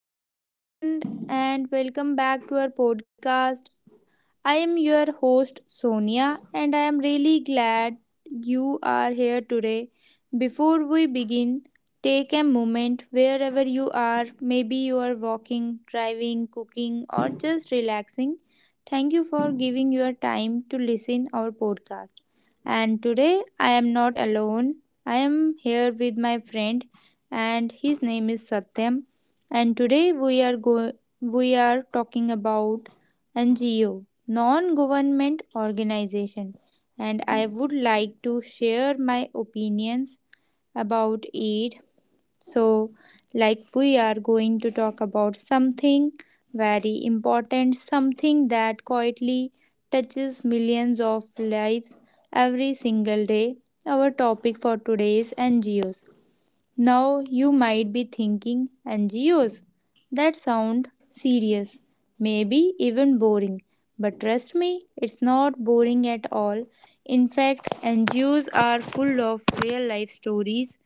hello everyone, and welcome back to our podcast. I am your host Sonia and I am really glad you are here today. Before we begin, take a moment wherever you are. Maybe you are walking, driving, cooking or just relaxing. Thank you for giving your time to listen our podcast. And today I am not alone. I am here with my friend and his name is Satyam and today we are talking about NGO, non government organization, and I would like to share my opinions about it. So, like, we are going to talk about something very important, something that quietly touches millions of lives every single day. Our topic for today is NGOs. Now you might be thinking, NGOs? That sound serious, maybe even boring. But trust me, it's not boring at all. In fact, NGOs are full of real life stories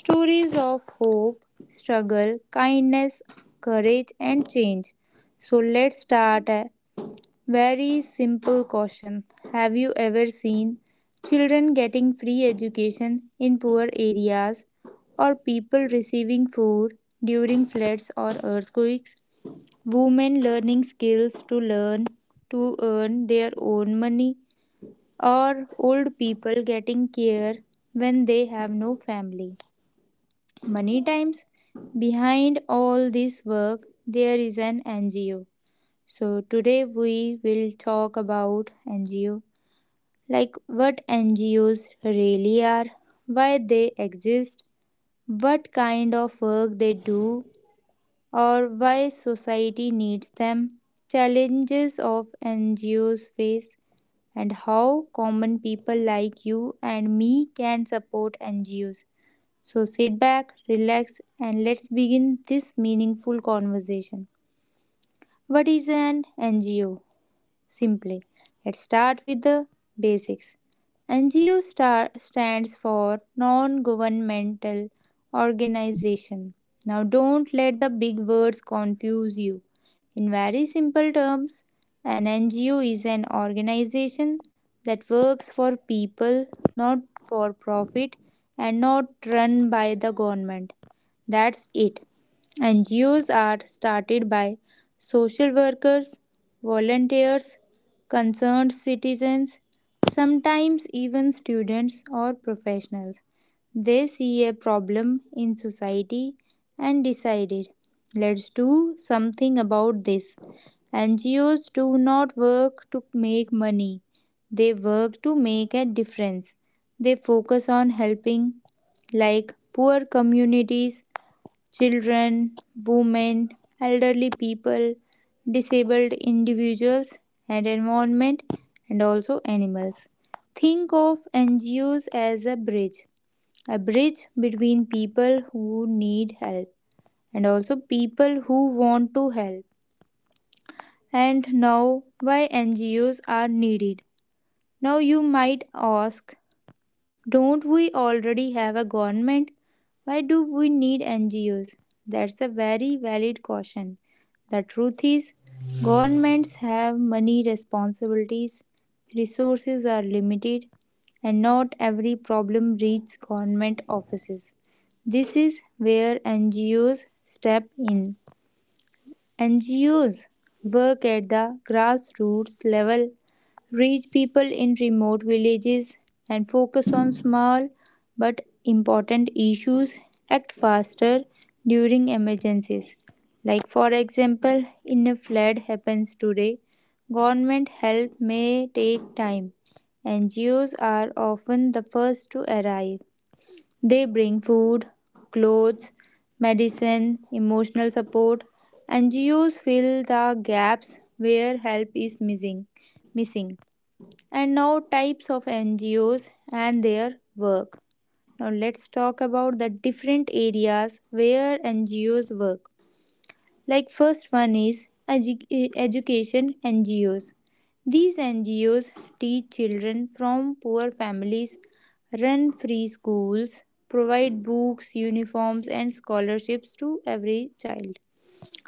stories of hope, struggle, kindness, courage, and change. So let's start a very simple question. Have you ever seen children getting free education in poor areas or people receiving food during floods or earthquakes? Women learning skills to learn to earn their own money or old people getting care when they have no family. Many times behind all this work there is an NGO. So, today we will talk about NGO, like what NGOs really are, why they exist, what kind of work they do, or why society needs them, challenges of NGOs face, and how common people like you and me can support NGOs. So, sit back, relax, and let's begin this meaningful conversation. What is an NGO? Simply, let's start with the basics. NGO star stands for non governmental organization. Now, don't let the big words confuse you. In very simple terms, an NGO is an organization that works for people, not for profit, and not run by the government. That's it. NGOs are started by social workers, volunteers, concerned citizens, sometimes even students or professionals. They see a problem in society and decided, let's do something about this. NGOs do not work to make money, they work to make a difference. They focus on helping, like poor communities, children, women, elderly people, disabled individuals and environment and also animals. Think of NGOs as a bridge between people who need help and also people who want to help. And now why NGOs are needed. Now you might ask, don't we already have a government? Why do we need NGOs? That's a very valid caution. The truth is, governments have many responsibilities, resources are limited, and not every problem reaches government offices. This is where NGOs step in. NGOs work at the grassroots level, reach people in remote villages, and focus on small but important issues, act faster during emergencies. Like for example, in a flood happens today, government help may take time. NGOs are often the first to arrive. They bring food, clothes, medicine, emotional support. NGOs fill the gaps where help is missing. And now types of NGOs and their work. Now let's talk about the different areas where NGOs work. Like first one is education NGOs. These NGOs teach children from poor families, run free schools, provide books, uniforms and scholarships to every child.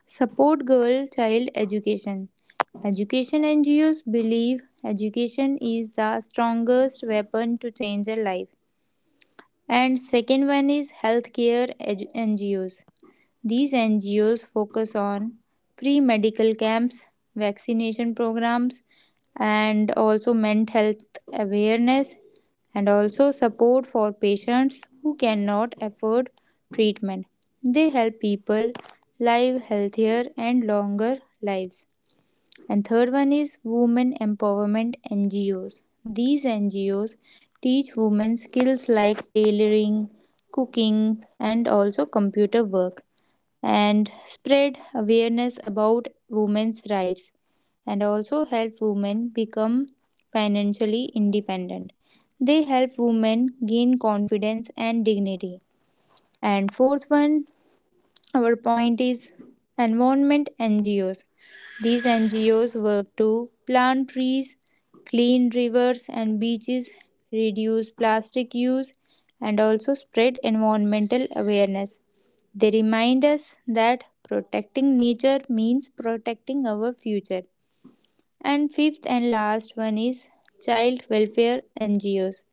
Support girl child education. Education NGOs believe education is the strongest weapon to change a life. And second one is healthcare NGOs. These NGOs focus on free medical camps, vaccination programs, and also mental health awareness, and also support for patients who cannot afford treatment. They help people live healthier and longer lives. And third one is women empowerment NGOs. These NGOs teach women skills like tailoring, cooking, and also computer work and spread awareness about women's rights and also help women become financially independent. They help women gain confidence and dignity. And fourth one our point is environment NGOs. These NGOs work to plant trees, clean rivers and beaches, reduce plastic use, and also spread environmental awareness. They remind us that protecting nature means protecting our future. And fifth and last one is child welfare NGOs.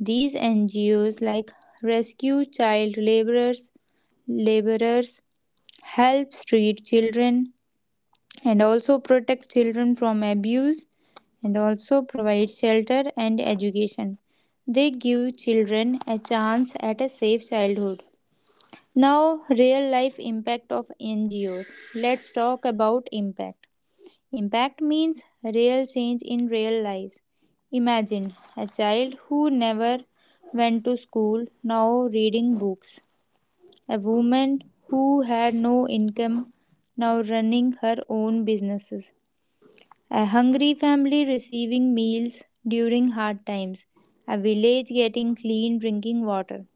These NGOs like rescue child laborers, help street children and also protect children from abuse and also provide shelter and education. They give children a chance at a safe childhood. Now, real life impact of NGOs. Let's talk about impact. Impact means real change in real lives. Imagine a child who never went to school now reading books. A woman who had no income now running her own businesses. A hungry family receiving meals during hard times. A village getting clean drinking water.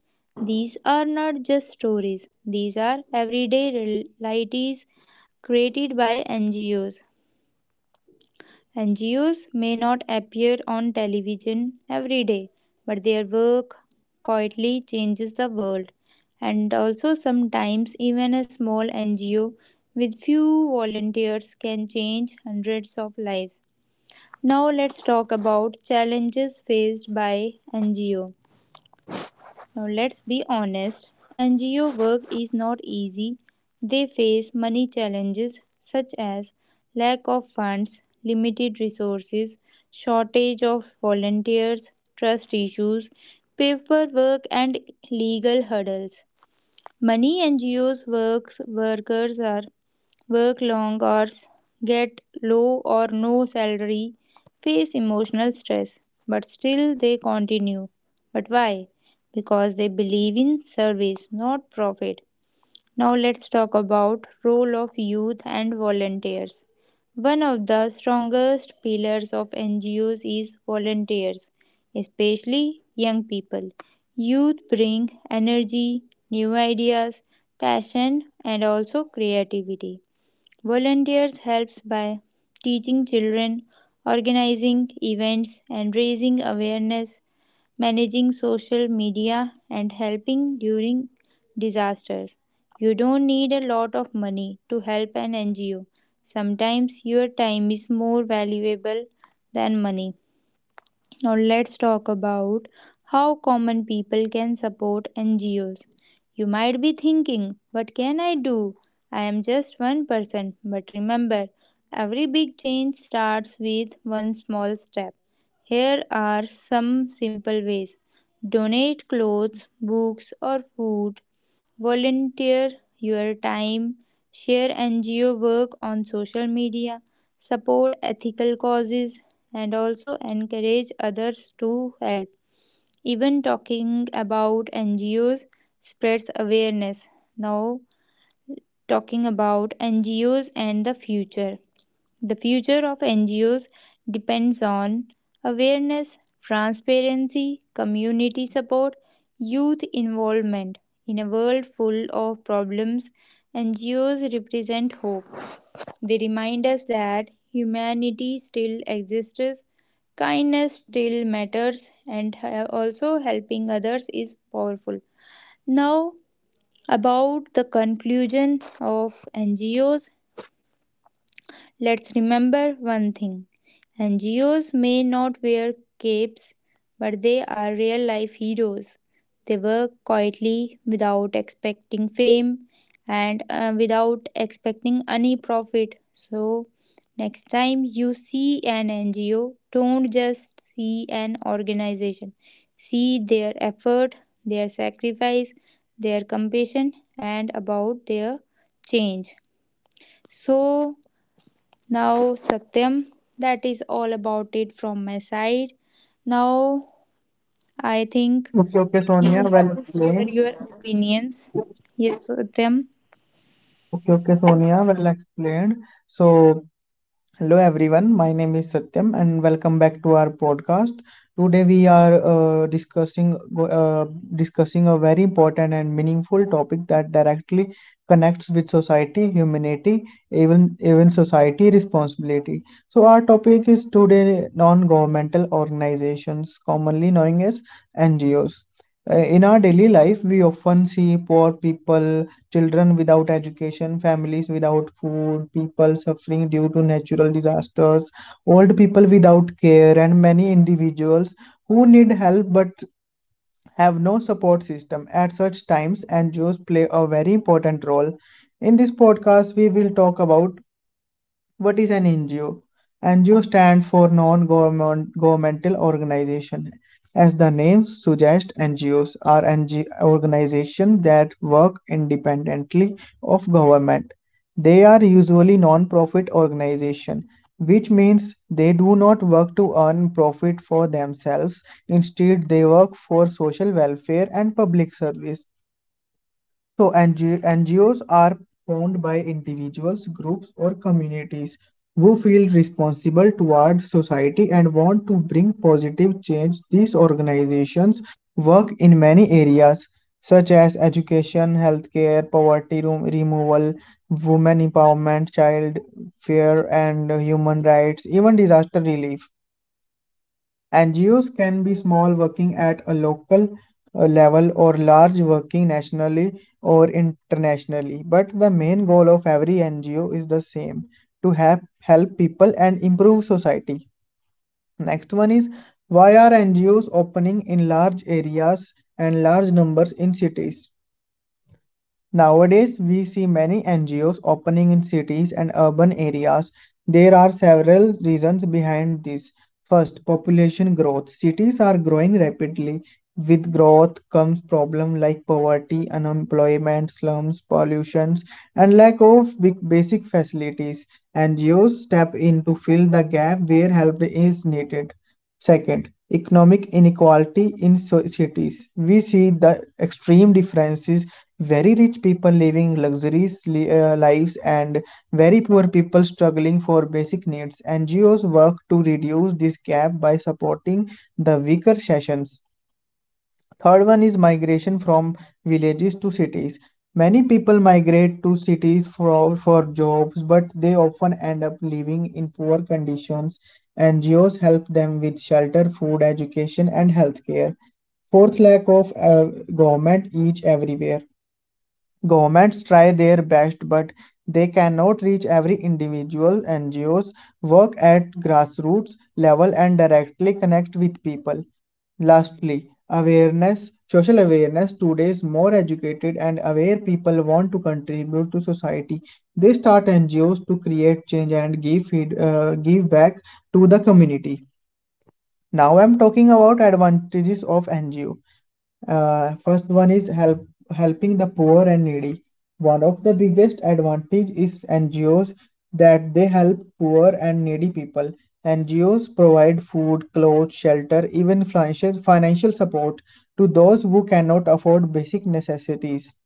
These are not just stories, these are everyday realities created by NGOs. NGOs may not appear on television every day, but their work quietly changes the world. And also, sometimes, even a small NGO with few volunteers can change hundreds of lives. Now, let's talk about challenges faced by NGO. Now let's be honest, NGO work is not easy. They face many challenges such as lack of funds, limited resources, shortage of volunteers, trust issues, paperwork and legal hurdles. Many NGOs works workers are work long hours, get low or no salary, face emotional stress, but still they continue. But why? Because they believe in service, not profit. Now let's talk about role of youth and volunteers. One of the strongest pillars of NGOs is volunteers, especially young people. Youth bring energy, new ideas, passion and also creativity. Volunteers helps by teaching children, organizing events and raising awareness, managing social media and helping during disasters. You don't need a lot of money to help an NGO. Sometimes your time is more valuable than money. Now let's talk about how common people can support NGOs. You might be thinking, what can I do? I am just one person. But remember, every big change starts with one small step. Here are some simple ways: donate clothes, books, or food. Volunteer your time, share NGO work on social media, support ethical causes, and also encourage others to help. Even talking about NGOs spreads awareness. Now, talking about NGOs and the future. The future of NGOs depends on awareness, transparency, community support, youth involvement. In a world full of problems, NGOs represent hope. They remind us that humanity still exists, kindness still matters, and also helping others is powerful. Now, about the conclusion of NGOs. Let's remember one thing: NGOs may not wear capes, but they are real life heroes. They work quietly without expecting fame and without expecting any profit. So, next time you see an NGO, don't just see an organization, see their effort, their sacrifice, their compassion, and about their change. So, now, Satyam, that is all about it from my side. Now, I think Okay, okay, you Sonia, have well to share explained. your opinions. Yes, Satyam. Okay, okay, Sonia, well explained. So, hello everyone, my name is Satyam and welcome back to our podcast. Today we are discussing a very important and meaningful topic that directly connects with society, humanity, even even society responsibility. So, our topic is today non-governmental organizations, commonly known as NGOs. In our daily life, we often see poor people, children without education, families without food, people suffering due to natural disasters, old people without care, and many individuals who need help but have no support system. At such times, NGOs play a very important role. In this podcast, we will talk about what is an NGO? NGO stand for non-government governmental organization. As the name suggests, NGOs are NG organizations that work independently of government. They are usually non-profit organizations, which means they do not work to earn profit for themselves. Instead, they work for social welfare and public service. So NG NGOs are formed by individuals, groups, or communities who feel responsible toward society and want to bring positive change. These organizations work in many areas such as education, healthcare, poverty room removal, women empowerment, child care, and human rights, even disaster relief. NGOs can be small, working at a local level, or large, working nationally or internationally. But the main goal of every NGO is the same: to help people and improve society. Next one is, why are NGOs opening in large areas and large numbers in cities? Nowadays, we see many NGOs opening in cities and urban areas. There are several reasons behind this. First, population growth. Cities are growing rapidly. With growth comes problems like poverty, unemployment, slums, pollutions, and lack of big basic facilities. NGOs step in to fill the gap where help is needed. Second, economic inequality in cities. We see the extreme differences: very rich people living luxurious lives and very poor people struggling for basic needs. NGOs work to reduce this gap by supporting the weaker sections. Third one is migration from villages to cities. Many people migrate to cities for jobs, but they often end up living in poor conditions. NGOs help them with shelter, food, education, and healthcare. Fourth, lack of government each everywhere. Governments try their best, but they cannot reach every individual. NGOs work at grassroots level and directly connect with people. Lastly, awareness, social awareness. Today's more educated and aware people want to contribute to society. They start NGOs to create change and give back to the community. Now I'm talking about advantages of NGO. First one is helping the poor and needy. One of the biggest advantage is NGOs, that they help poor and needy people. NGOs provide food, clothes, shelter, even financial support to those who cannot afford basic necessities.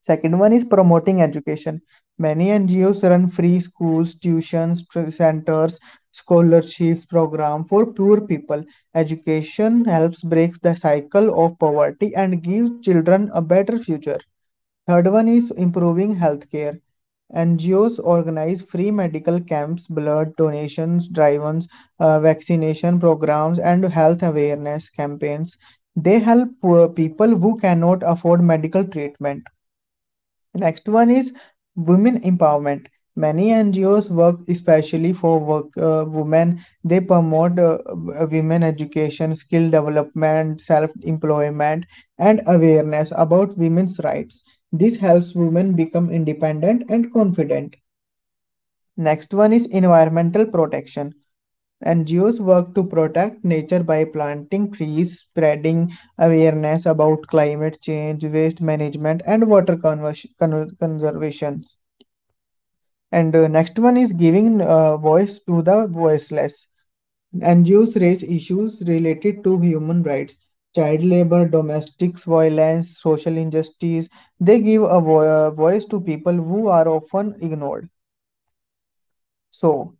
Second one is promoting education. Many NGOs run free schools, tuitions, centers, scholarships program for poor people. Education helps break the cycle of poverty and gives children a better future. Third one is improving healthcare. NGOs organize free medical camps, blood donations, drive-ins, vaccination programs, and health awareness campaigns. They help poor people who cannot afford medical treatment. Next one is women empowerment. Many NGOs work especially for work women. They promote women education, skill development, self-employment, and awareness about women's rights. This helps women become independent and confident. Next one is environmental protection. NGOs work to protect nature by planting trees, spreading awareness about climate change, waste management, and conservation. And next one is giving voice to the voiceless. NGOs raise issues related to human rights, child labor, domestic violence, social injustice. They give a voice to people who are often ignored. So,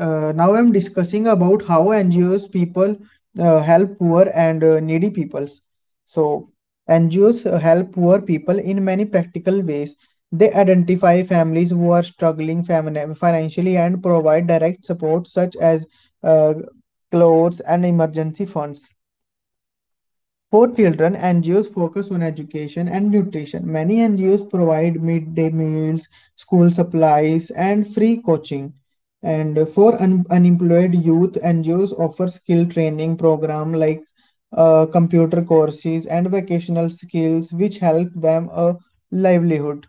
now I'm discussing about how NGOs people uh, help poor and needy peoples. So, NGOs help poor people in many practical ways. They identify families who are struggling financially and provide direct support such as uh, clothes and emergency funds. For children, NGOs focus on education and nutrition. Many NGOs provide midday meals, school supplies, and free coaching. And for unemployed youth, NGOs offer skill training program like computer courses and vocational skills, which help them a livelihood.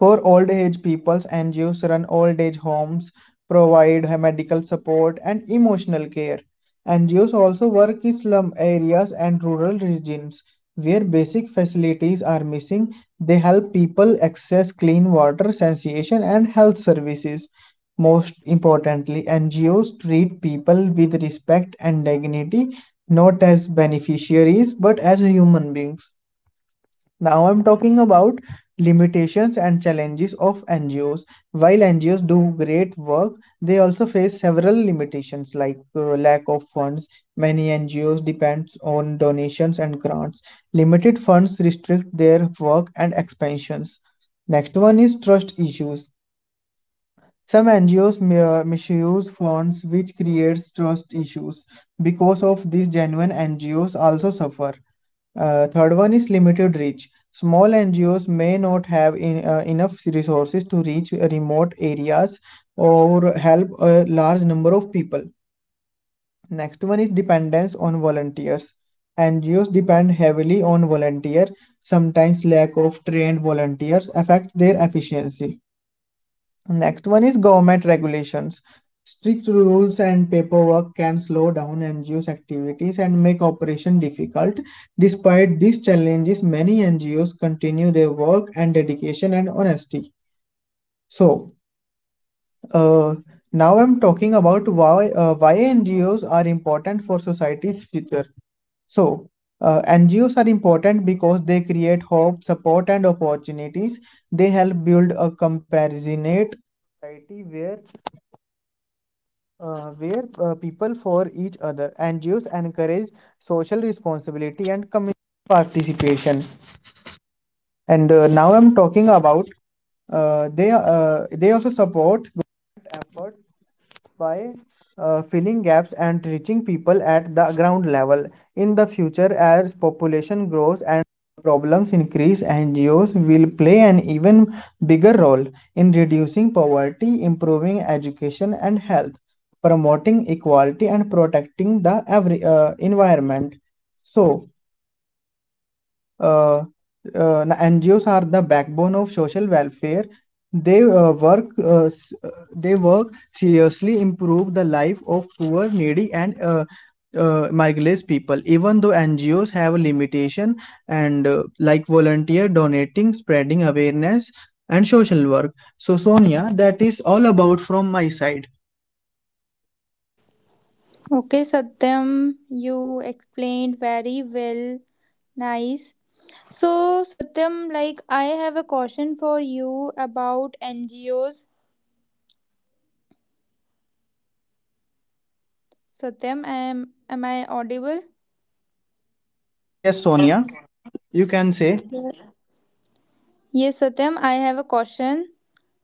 For old age peoples, NGOs run old age homes, provide medical support and emotional care. NGOs also work in slum areas and rural regions where basic facilities are missing. They help people access clean water, sanitation, and health services. Most importantly, NGOs treat people with respect and dignity, not as beneficiaries but as human beings. Now I'm talking about limitations and challenges of NGOs. While NGOs do great work, they also face several limitations like lack of funds. Many NGOs depends on donations and grants. Limited funds restrict their work and expansions. Next one is trust issues. Some NGOs misuse funds, which creates trust issues. Because of this, genuine NGOs also suffer. Third one is limited reach. Small NGOs may not have enough resources to reach remote areas or help a large number of people. Next one is dependence on volunteers. NGOs depend heavily on volunteer. Sometimes lack of trained volunteers affect their efficiency. Next one is government regulations. Strict rules and paperwork can slow down NGOs' activities and make operation difficult. Despite these challenges, many NGOs continue their work and dedication and honesty. So, uh, now I'm talking about why NGOs are important for society's future. So, NGOs are important because they create hope, support, and opportunities. They help build a comparison, and now I'm talking about they also support even bigger role in reducing poverty, improving education and health, promoting equality, and protecting the environment. So, uh, NGOs are the backbone of social welfare. They uh, work. Uh, s- uh, they work seriously improve the life of poor, needy, and marginalized people, even though NGOs have a limitation, and like volunteer donating spreading awareness and social work. So Sonia, that is all about from my side. Okay, Satyam, you explained very well. Nice. So, Satyam, like I have a question for you about NGOs. Satyam, am I audible? Yes, yes Sonia, you can say. Yes, Satyam, I have a question.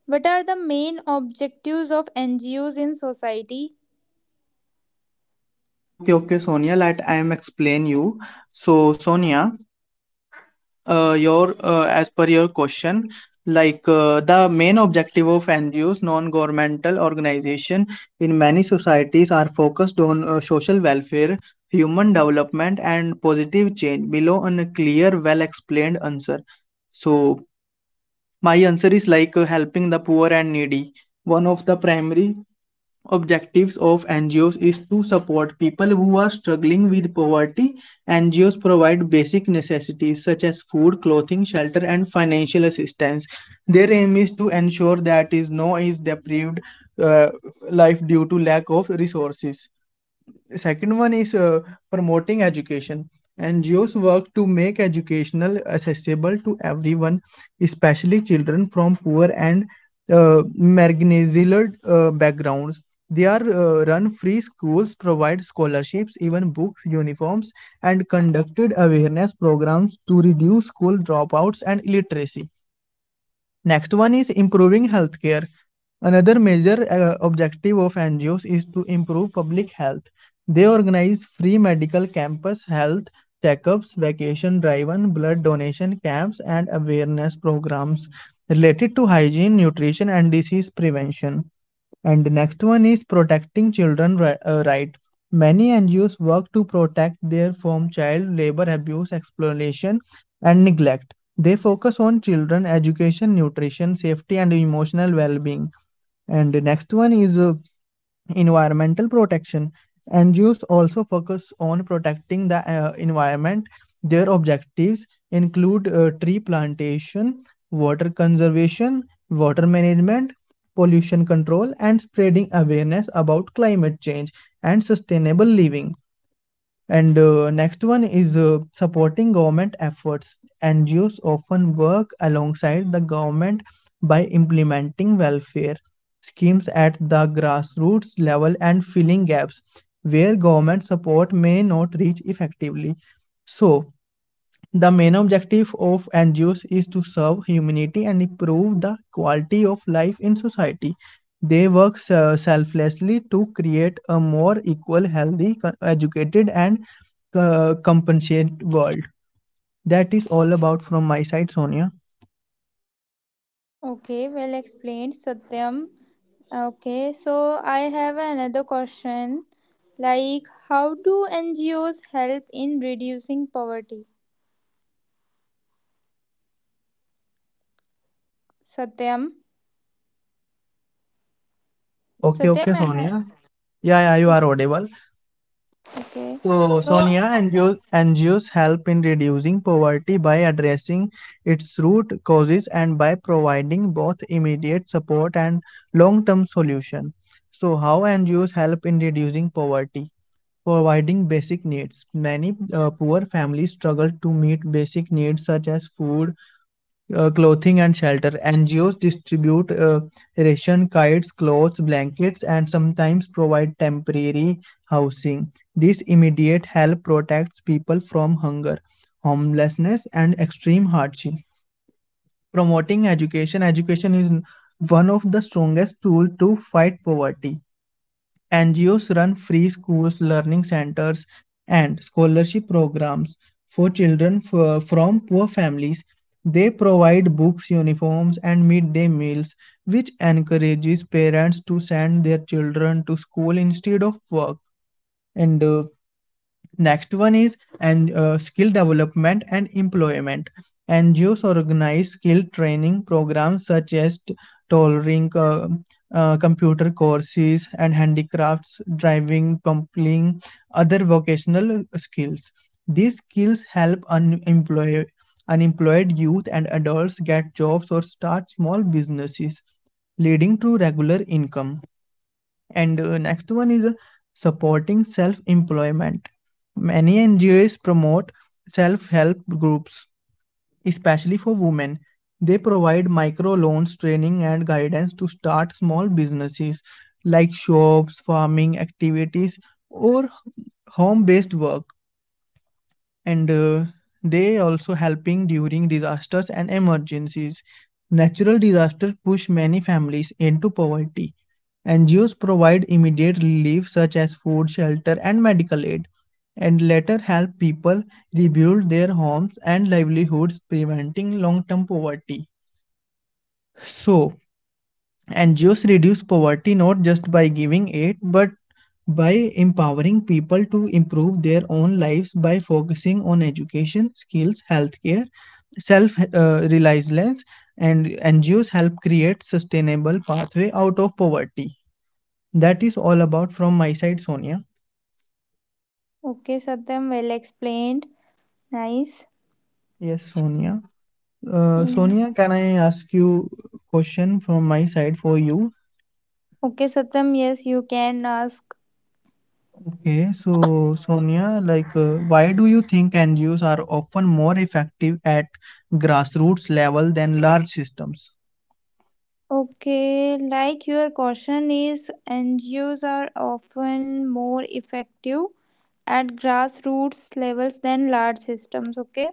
What are the main objectives of NGOs in society? Okay, okay Sonia, let I am explain you. So Sonia, your as per your question, like the main objective of NGOs, non-governmental organization, in many societies are focused on social welfare, human development and positive change below on a clear well explained answer. So my answer is like: helping the poor and needy. One of the primary objectives of NGOs is to support people who are struggling with poverty. NGOs provide basic necessities such as food, clothing, shelter, and financial assistance. Their aim is to ensure that is no is deprived uh, life due to lack of resources. The second one is promoting education. NGOs work to make educational accessible to everyone, especially children from poor and marginalized backgrounds. They are run free schools, provide scholarships, even books, uniforms, and conducted awareness programs to reduce school dropouts and illiteracy. Next one is improving healthcare. Another major objective of NGOs is to improve public health. They organize free medical campus, health checkups, vacation driven blood donation camps, and awareness programs related to hygiene, nutrition, and disease prevention. And the next one is protecting children right. Many NGOs work to protect their from child labor abuse, exploitation, and neglect. They focus on children education, nutrition, safety, and emotional well-being. And the next one is environmental protection. NGOs also focus on protecting the environment. Their objectives include tree plantation, water conservation, water management, pollution control, and spreading awareness about climate change and sustainable living. And next one is supporting government efforts. NGOs often work alongside the government by implementing welfare schemes at the grassroots level and filling gaps where government support may not reach effectively. So, the main objective of NGOs is to serve humanity and improve the quality of life in society. They work selflessly to create a more equal, healthy, educated, and compensate world. That is all about from my side, Sonia. Okay, well explained, Satyam. Okay, so I have another question, like how do NGOs help in reducing poverty? Satyam, Okay, okay, Satyam, am I Sonia. Yeah, yeah, you are audible. okay? So So, Sonia, NGOs help in reducing poverty by addressing its root causes and by providing both immediate support and long-term solution. So, how NGOs help in reducing poverty? Providing basic needs. Many poor families struggle to meet basic needs such as food, clothing and shelter. NGOs distribute ration kits, clothes, blankets, and sometimes provide temporary housing. This immediate help protects people from hunger, homelessness, and extreme hardship. Promoting education. Education is one of the strongest tools to fight poverty. NGOs run free schools, learning centers, and scholarship programs for children from poor families. They provide books, uniforms, and midday meals, which encourages parents to send their children to school instead of work. And next one is and skill development and employment. NGOs organize skill training programs such as tailoring, computer courses, and handicrafts, driving, plumbing, other vocational skills. These skills help unemployed youth and adults get jobs or start small businesses, leading to regular income. And next one is supporting self employment. Many NGOs promote self help groups, especially for women. They provide micro loans, training, and guidance to start small businesses like shops, farming activities, or home based work. And they also helping during disasters and emergencies. Natural disasters push many families into poverty. NGOs provide immediate relief such as food, shelter, and medical aid, and later help people rebuild their homes and livelihoods, preventing long term poverty. So, NGOs reduce poverty not just by giving aid but by empowering people to improve their own lives by focusing on education, skills, healthcare, self reliance, and NGOs help create sustainable pathway out of poverty. That is all about from my side, Sonia. okay, Satyam, well explained. Nice. Yes, Sonia. Mm. Sonia, can I ask you question from my side for you? Okay, Satyam, yes, you can ask. Okay, so Sonia, why do you think NGOs are often more effective at grassroots level than large systems? Okay, like your question is NGOs are often more effective at grassroots levels than large systems. Okay,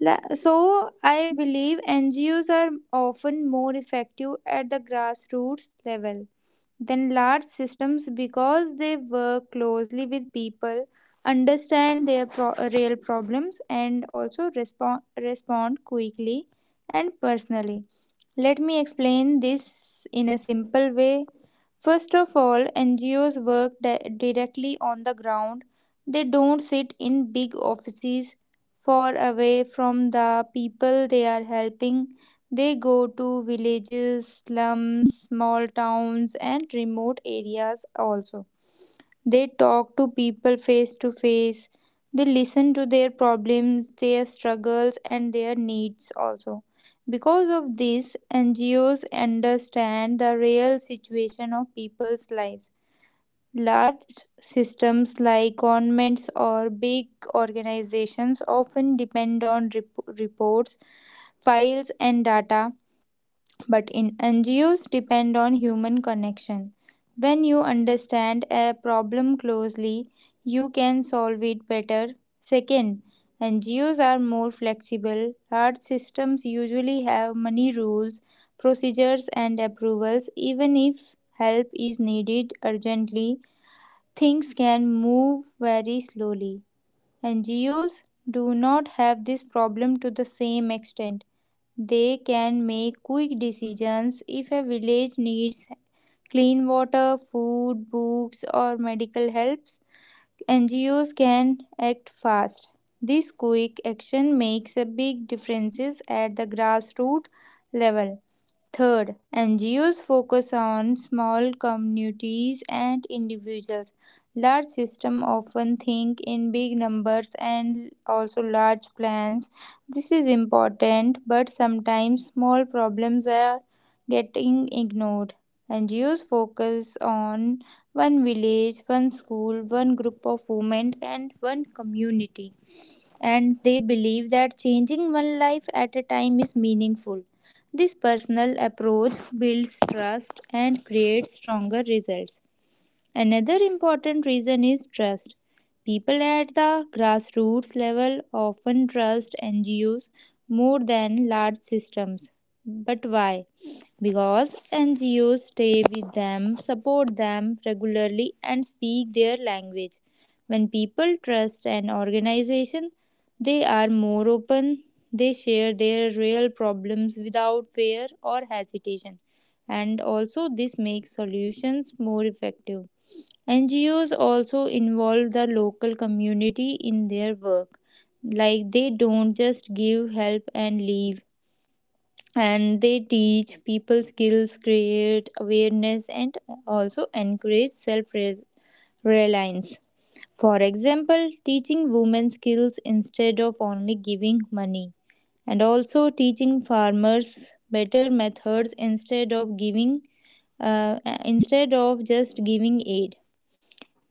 so I believe NGOs are often more effective at the grassroots level than large systems because they work closely with people, understand their real problems and also respond quickly and personally. Let me explain this in a simple way. First of all, NGOs work directly on the ground. They don't sit in big offices far away from the people they are helping. They go to villages, slums, small towns, and remote areas also. They talk to people face to face. They listen to their problems, their struggles, and their needs also. Because of this, NGOs understand the real situation of people's lives. Large systems like governments or big organizations often depend on reports, files, and data, but in NGOs depend on human connection. When you understand a problem closely, you can solve it better. Second, NGOs are more flexible. Large systems usually have many rules, procedures, and approvals. Even if help is needed urgently, things can move very slowly. NGOs do not have this problem to the same extent. They can make quick decisions if a village needs clean water, food, books, or medical helps. NGOs can act fast. This quick action makes a big differences at the grassroots level. Third, NGOs focus on small communities and individuals. Large systems often think in big numbers and also large plans. This is important, but sometimes small problems are getting ignored. NGOs focus on one village, one school, one group of women, and one community and they believe that changing one life at a time is meaningful. This personal approach builds trust and creates stronger results. Another important reason is trust. People at the grassroots level often trust NGOs more than large systems. But why? Because NGOs stay with them, support them regularly, and speak their language. When people trust an organization, they are more open, they share their real problems without fear or hesitation, and also this makes solutions more effective. NGOs also involve the local community in their work. Like, they don't just give help and leave, and they teach people skills, create awareness, and also encourage self reliance. For example, teaching women skills instead of only giving money, and also teaching farmers better methods instead of giving uh, instead of just giving aid.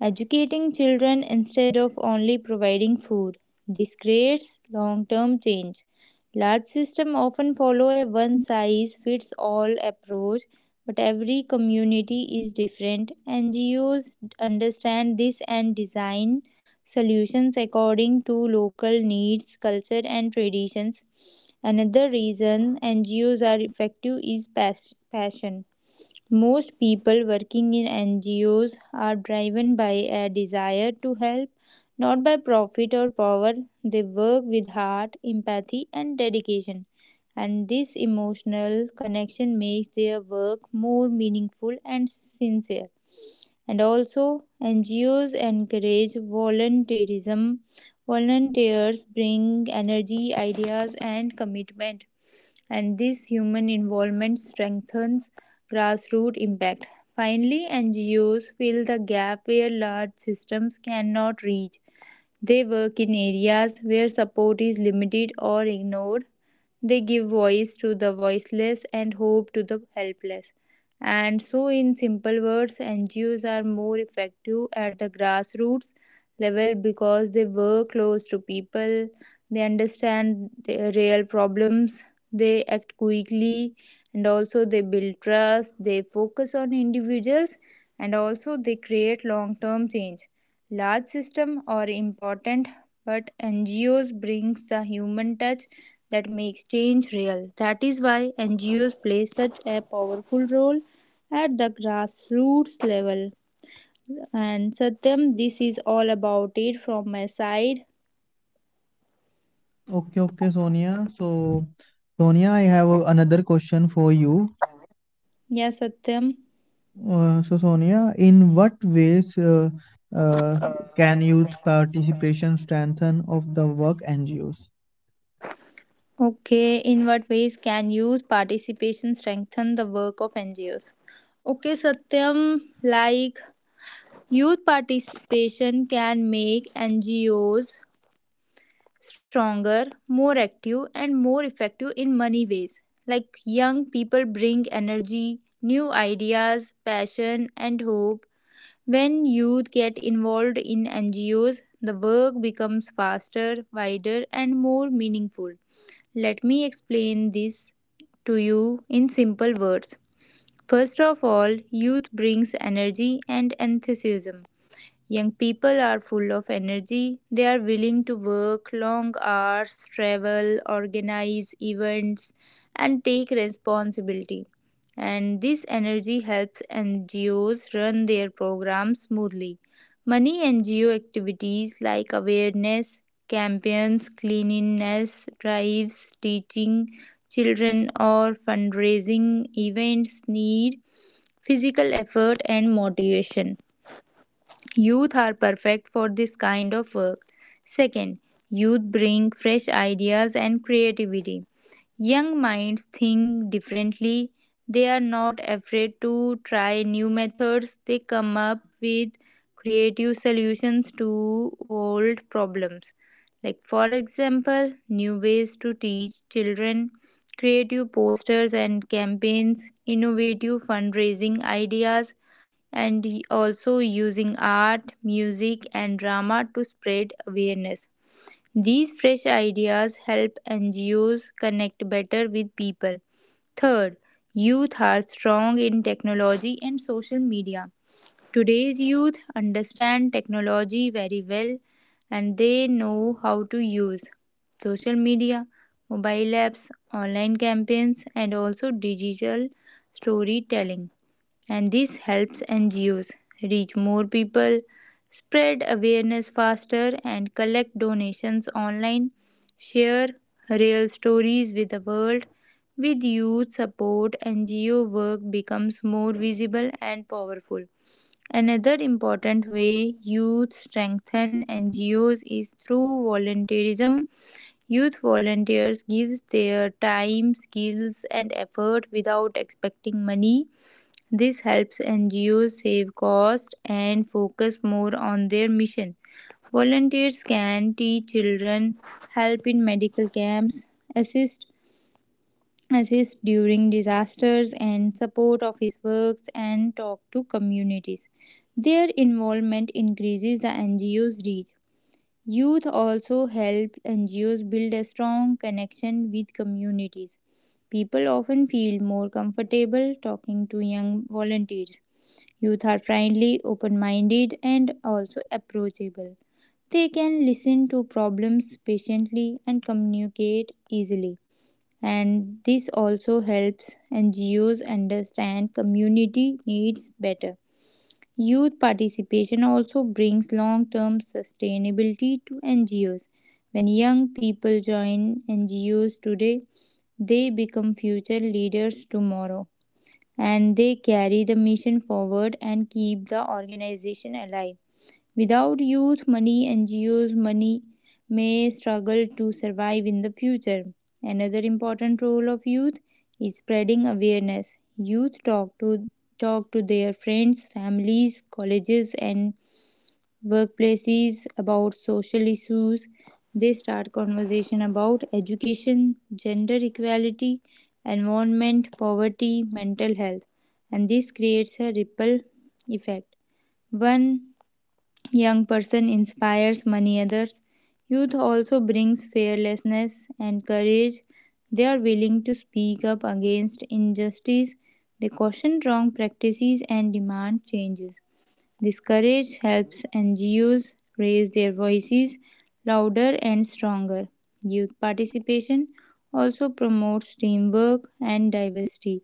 Educating children instead of only providing food. This creates long term change. Large systems often follow a one size fits all approach, but every community is different. NGOs understand this and design solutions according to local needs, culture, and traditions. Another reason NGOs are effective is passion. Most people working in NGOs are driven by a desire to help, not by profit or power. They work with heart, empathy, and dedication, and this emotional connection makes their work more meaningful and sincere. And also, NGOs encourage volunteerism. Volunteers bring energy, ideas, and commitment, and this human involvement strengthens grassroots impact. Finally, NGOs fill the gap where large systems cannot reach. They work in areas where support is limited or ignored. They give voice to the voiceless and hope to the helpless. And so, in simple words, NGOs are more effective at the grassroots level because they work close to people, they understand their real problems, they act quickly, and also they build trust, they focus on individuals, and also they create long term change. Large systems are important, but NGOs brings the human touch that makes change real. That is why NGOs play such a powerful role at the grassroots level. And Satyam, this is all about it from my side. Okay, okay, Sonia. So, Sonia, I have another question for you. Yes, Satyam. So, Sonia, in what ways uh, can youth participation strengthen of the work NGOs? Okay, in what ways can youth participation strengthen the work of NGOs? Okay, Satyam, like, youth participation can make NGOs stronger, more active, and more effective in many ways. Like, young people bring energy, new ideas, passion, and hope. When youth get involved in NGOs, the work becomes faster, wider, and more meaningful. Let me explain this to you in simple words. First of all, youth brings energy and enthusiasm. Young people are full of energy. They are willing to work long hours, travel, organize events, and take responsibility. And this energy helps NGOs run their programs smoothly. Many NGO activities like awareness campaigns, cleanliness drives, teaching children, or fundraising events need physical effort and motivation. Youth are perfect for this kind of work. Second, youth bring fresh ideas and creativity. Young minds think differently. They are not afraid to try new methods. They come up with creative solutions to old problems. Like, for example, new ways to teach children, creative posters and campaigns, innovative fundraising ideas, and also using art, music, and drama to spread awareness. These fresh ideas help NGOs connect better with people. Third, youth are strong in technology and social media. Today's youth understand technology very well, and they know how to use social media, mobile apps, online campaigns, and also digital storytelling, and this helps NGOs reach more people, spread awareness faster, and collect donations online. Share real stories with the world. With youth support, NGO work becomes more visible and powerful. Another important way youth strengthen NGOs is through volunteerism. Youth volunteers give their time, skills and effort without expecting money. This helps NGOs save costs and focus more on their mission. Volunteers can teach children, help in medical camps, assist assist during disasters and support office works and talk to communities. Their involvement increases the NGO's reach. Youth also help NGOs build a strong connection with communities. People often feel more comfortable talking to young volunteers. Youth are friendly, open minded, and also approachable. They can listen to problems patiently and communicate easily. And this also helps NGOs understand community needs better. Youth participation also brings long term sustainability to NGOs. When young people join NGOs today, they become future leaders tomorrow, and they carry the mission forward and keep the organization alive. Without youth money, NGOs money may struggle to survive in the future. Another important role of youth is spreading awareness. Youth talk to their friends, families, colleges and workplaces, about social issues. They start conversation about education, gender equality, environment, poverty, mental health, and this creates a ripple effect. One young person inspires many others. Youth also brings fearlessness and courage. They are willing to speak up against injustice. They caution wrong practices and demand changes. This courage helps NGOs raise their voices louder and stronger. Youth participation also promotes teamwork and diversity.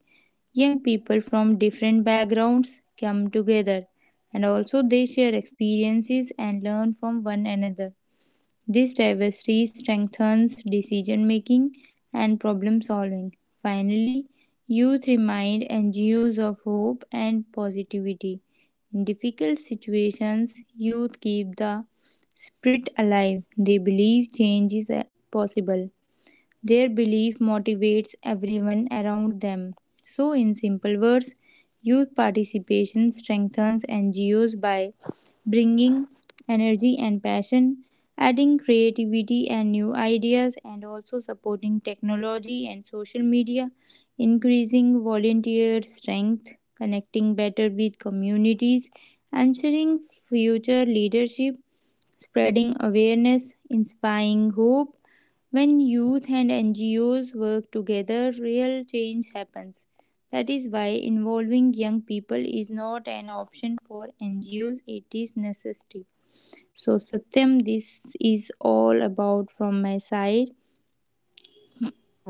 Young people from different backgrounds come together, and also they share experiences and learn from one another. This diversity strengthens decision making and problem solving. Finally, youth remind NGOs of hope and positivity. In difficult situations, youth keep the spirit alive. They believe change is possible. Their belief motivates everyone around them. So, in simple words, youth participation strengthens NGOs by bringing energy and passion, adding creativity and new ideas, and also supporting technology and social media, increasing volunteer strength, connecting better with communities, ensuring future leadership, spreading awareness, inspiring hope. When youth and NGOs work together, real change happens. That is why involving young people is not an option for NGOs, it is necessity. So, Satyam, this is all about from my side.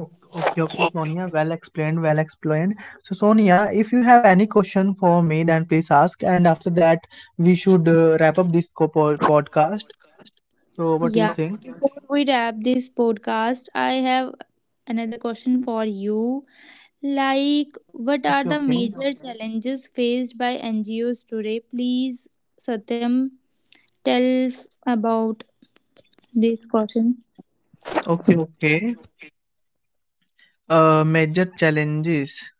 Okay, okay, okay, Sonia. Well explained, well explained. So, Sonia, if you have any question for me, then please ask. And after that, we should wrap up this podcast. So, what do you Yeah, think? before we wrap this podcast, I have another question for you. Like, what are Okay, the okay, major challenges faced by NGOs today? Please, Satyam, tell about this question. okay, okay. Major challenges.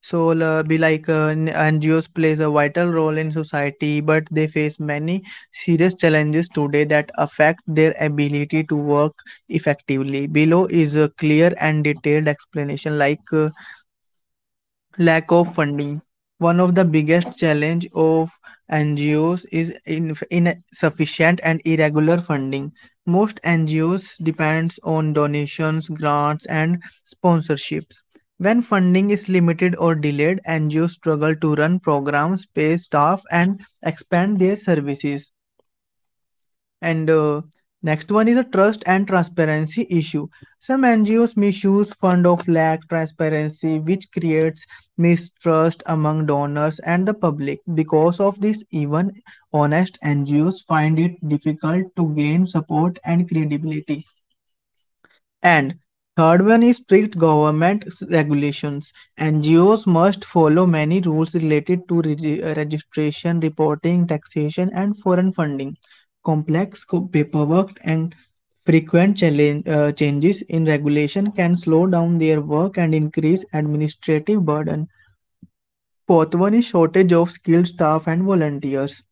So, NGOs plays a vital role in society, but they face many serious challenges today that affect their ability to work effectively. Below is a clear and detailed explanation, lack of funding. One of the biggest challenge of NGOs is insufficient and irregular funding. Most NGOs depends on donations, grants, and sponsorships. When funding is limited or delayed, NGOs struggle to run programs, pay staff, and expand their services. And next one is a trust and transparency issue. Some NGOs misuse fund of lack transparency, which creates mistrust among donors and the public. Because of this, even honest NGOs find it difficult to gain support and credibility. And third one is strict government regulations. NGOs must follow many rules related to registration, reporting, taxation, and foreign funding. Complex paperwork and frequent changes in regulation can slow down their work and increase administrative burden. Fourth one is shortage of skilled staff and volunteers.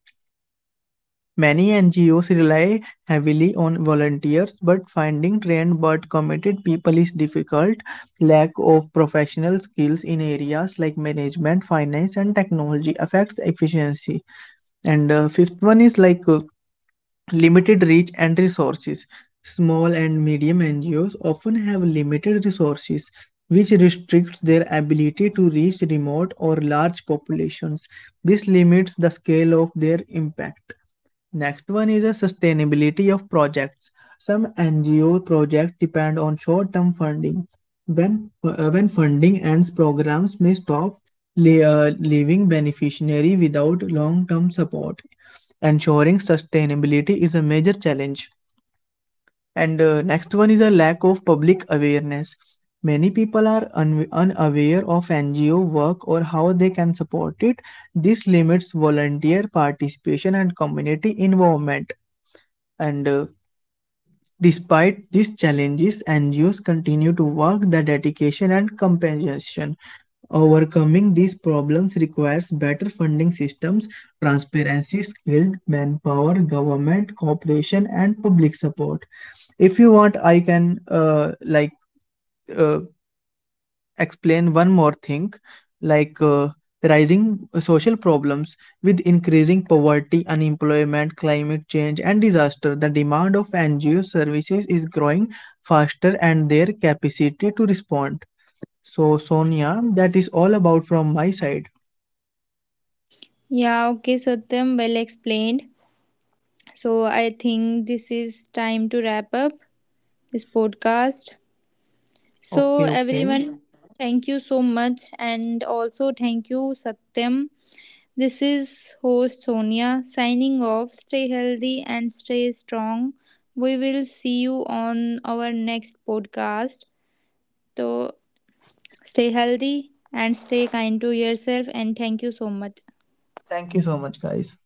Many NGOs rely heavily on volunteers, but finding trained but committed people is difficult. Lack of professional skills in areas like management, finance, and technology affects efficiency. And fifth one is limited reach and resources. Small and medium NGOs often have limited resources, which restricts their ability to reach remote or large populations. This limits the scale of their impact. Next one is a sustainability of projects. Some NGO projects depend on short-term funding. When funding ends, programs may stop, leaving beneficiaries without long-term support. Ensuring sustainability is a major challenge. And next one is a lack of public awareness. Many people are unaware of NGO work or how they can support it. This limits volunteer participation and community involvement. And despite these challenges, NGOs continue to work the dedication and compassion. Overcoming these problems requires better funding systems, transparency, skilled manpower, government cooperation, and public support. If you want, I can like uh, explain one more thing, like uh, rising social problems. With increasing poverty, unemployment, climate change, and disaster, the demand of NGO services is growing faster and their capacity to respond. So, Sonia, that is all about from my side. Yeah, okay, Satyam, well explained. So, I think this is time to wrap up this podcast. So, Okay, okay. everyone, thank you so much, and also thank you, Satyam. This is host Sonia signing off. Stay healthy and stay strong. We will see you on our next podcast. So stay healthy and stay kind to yourself and thank you so much. Thank you so much, guys.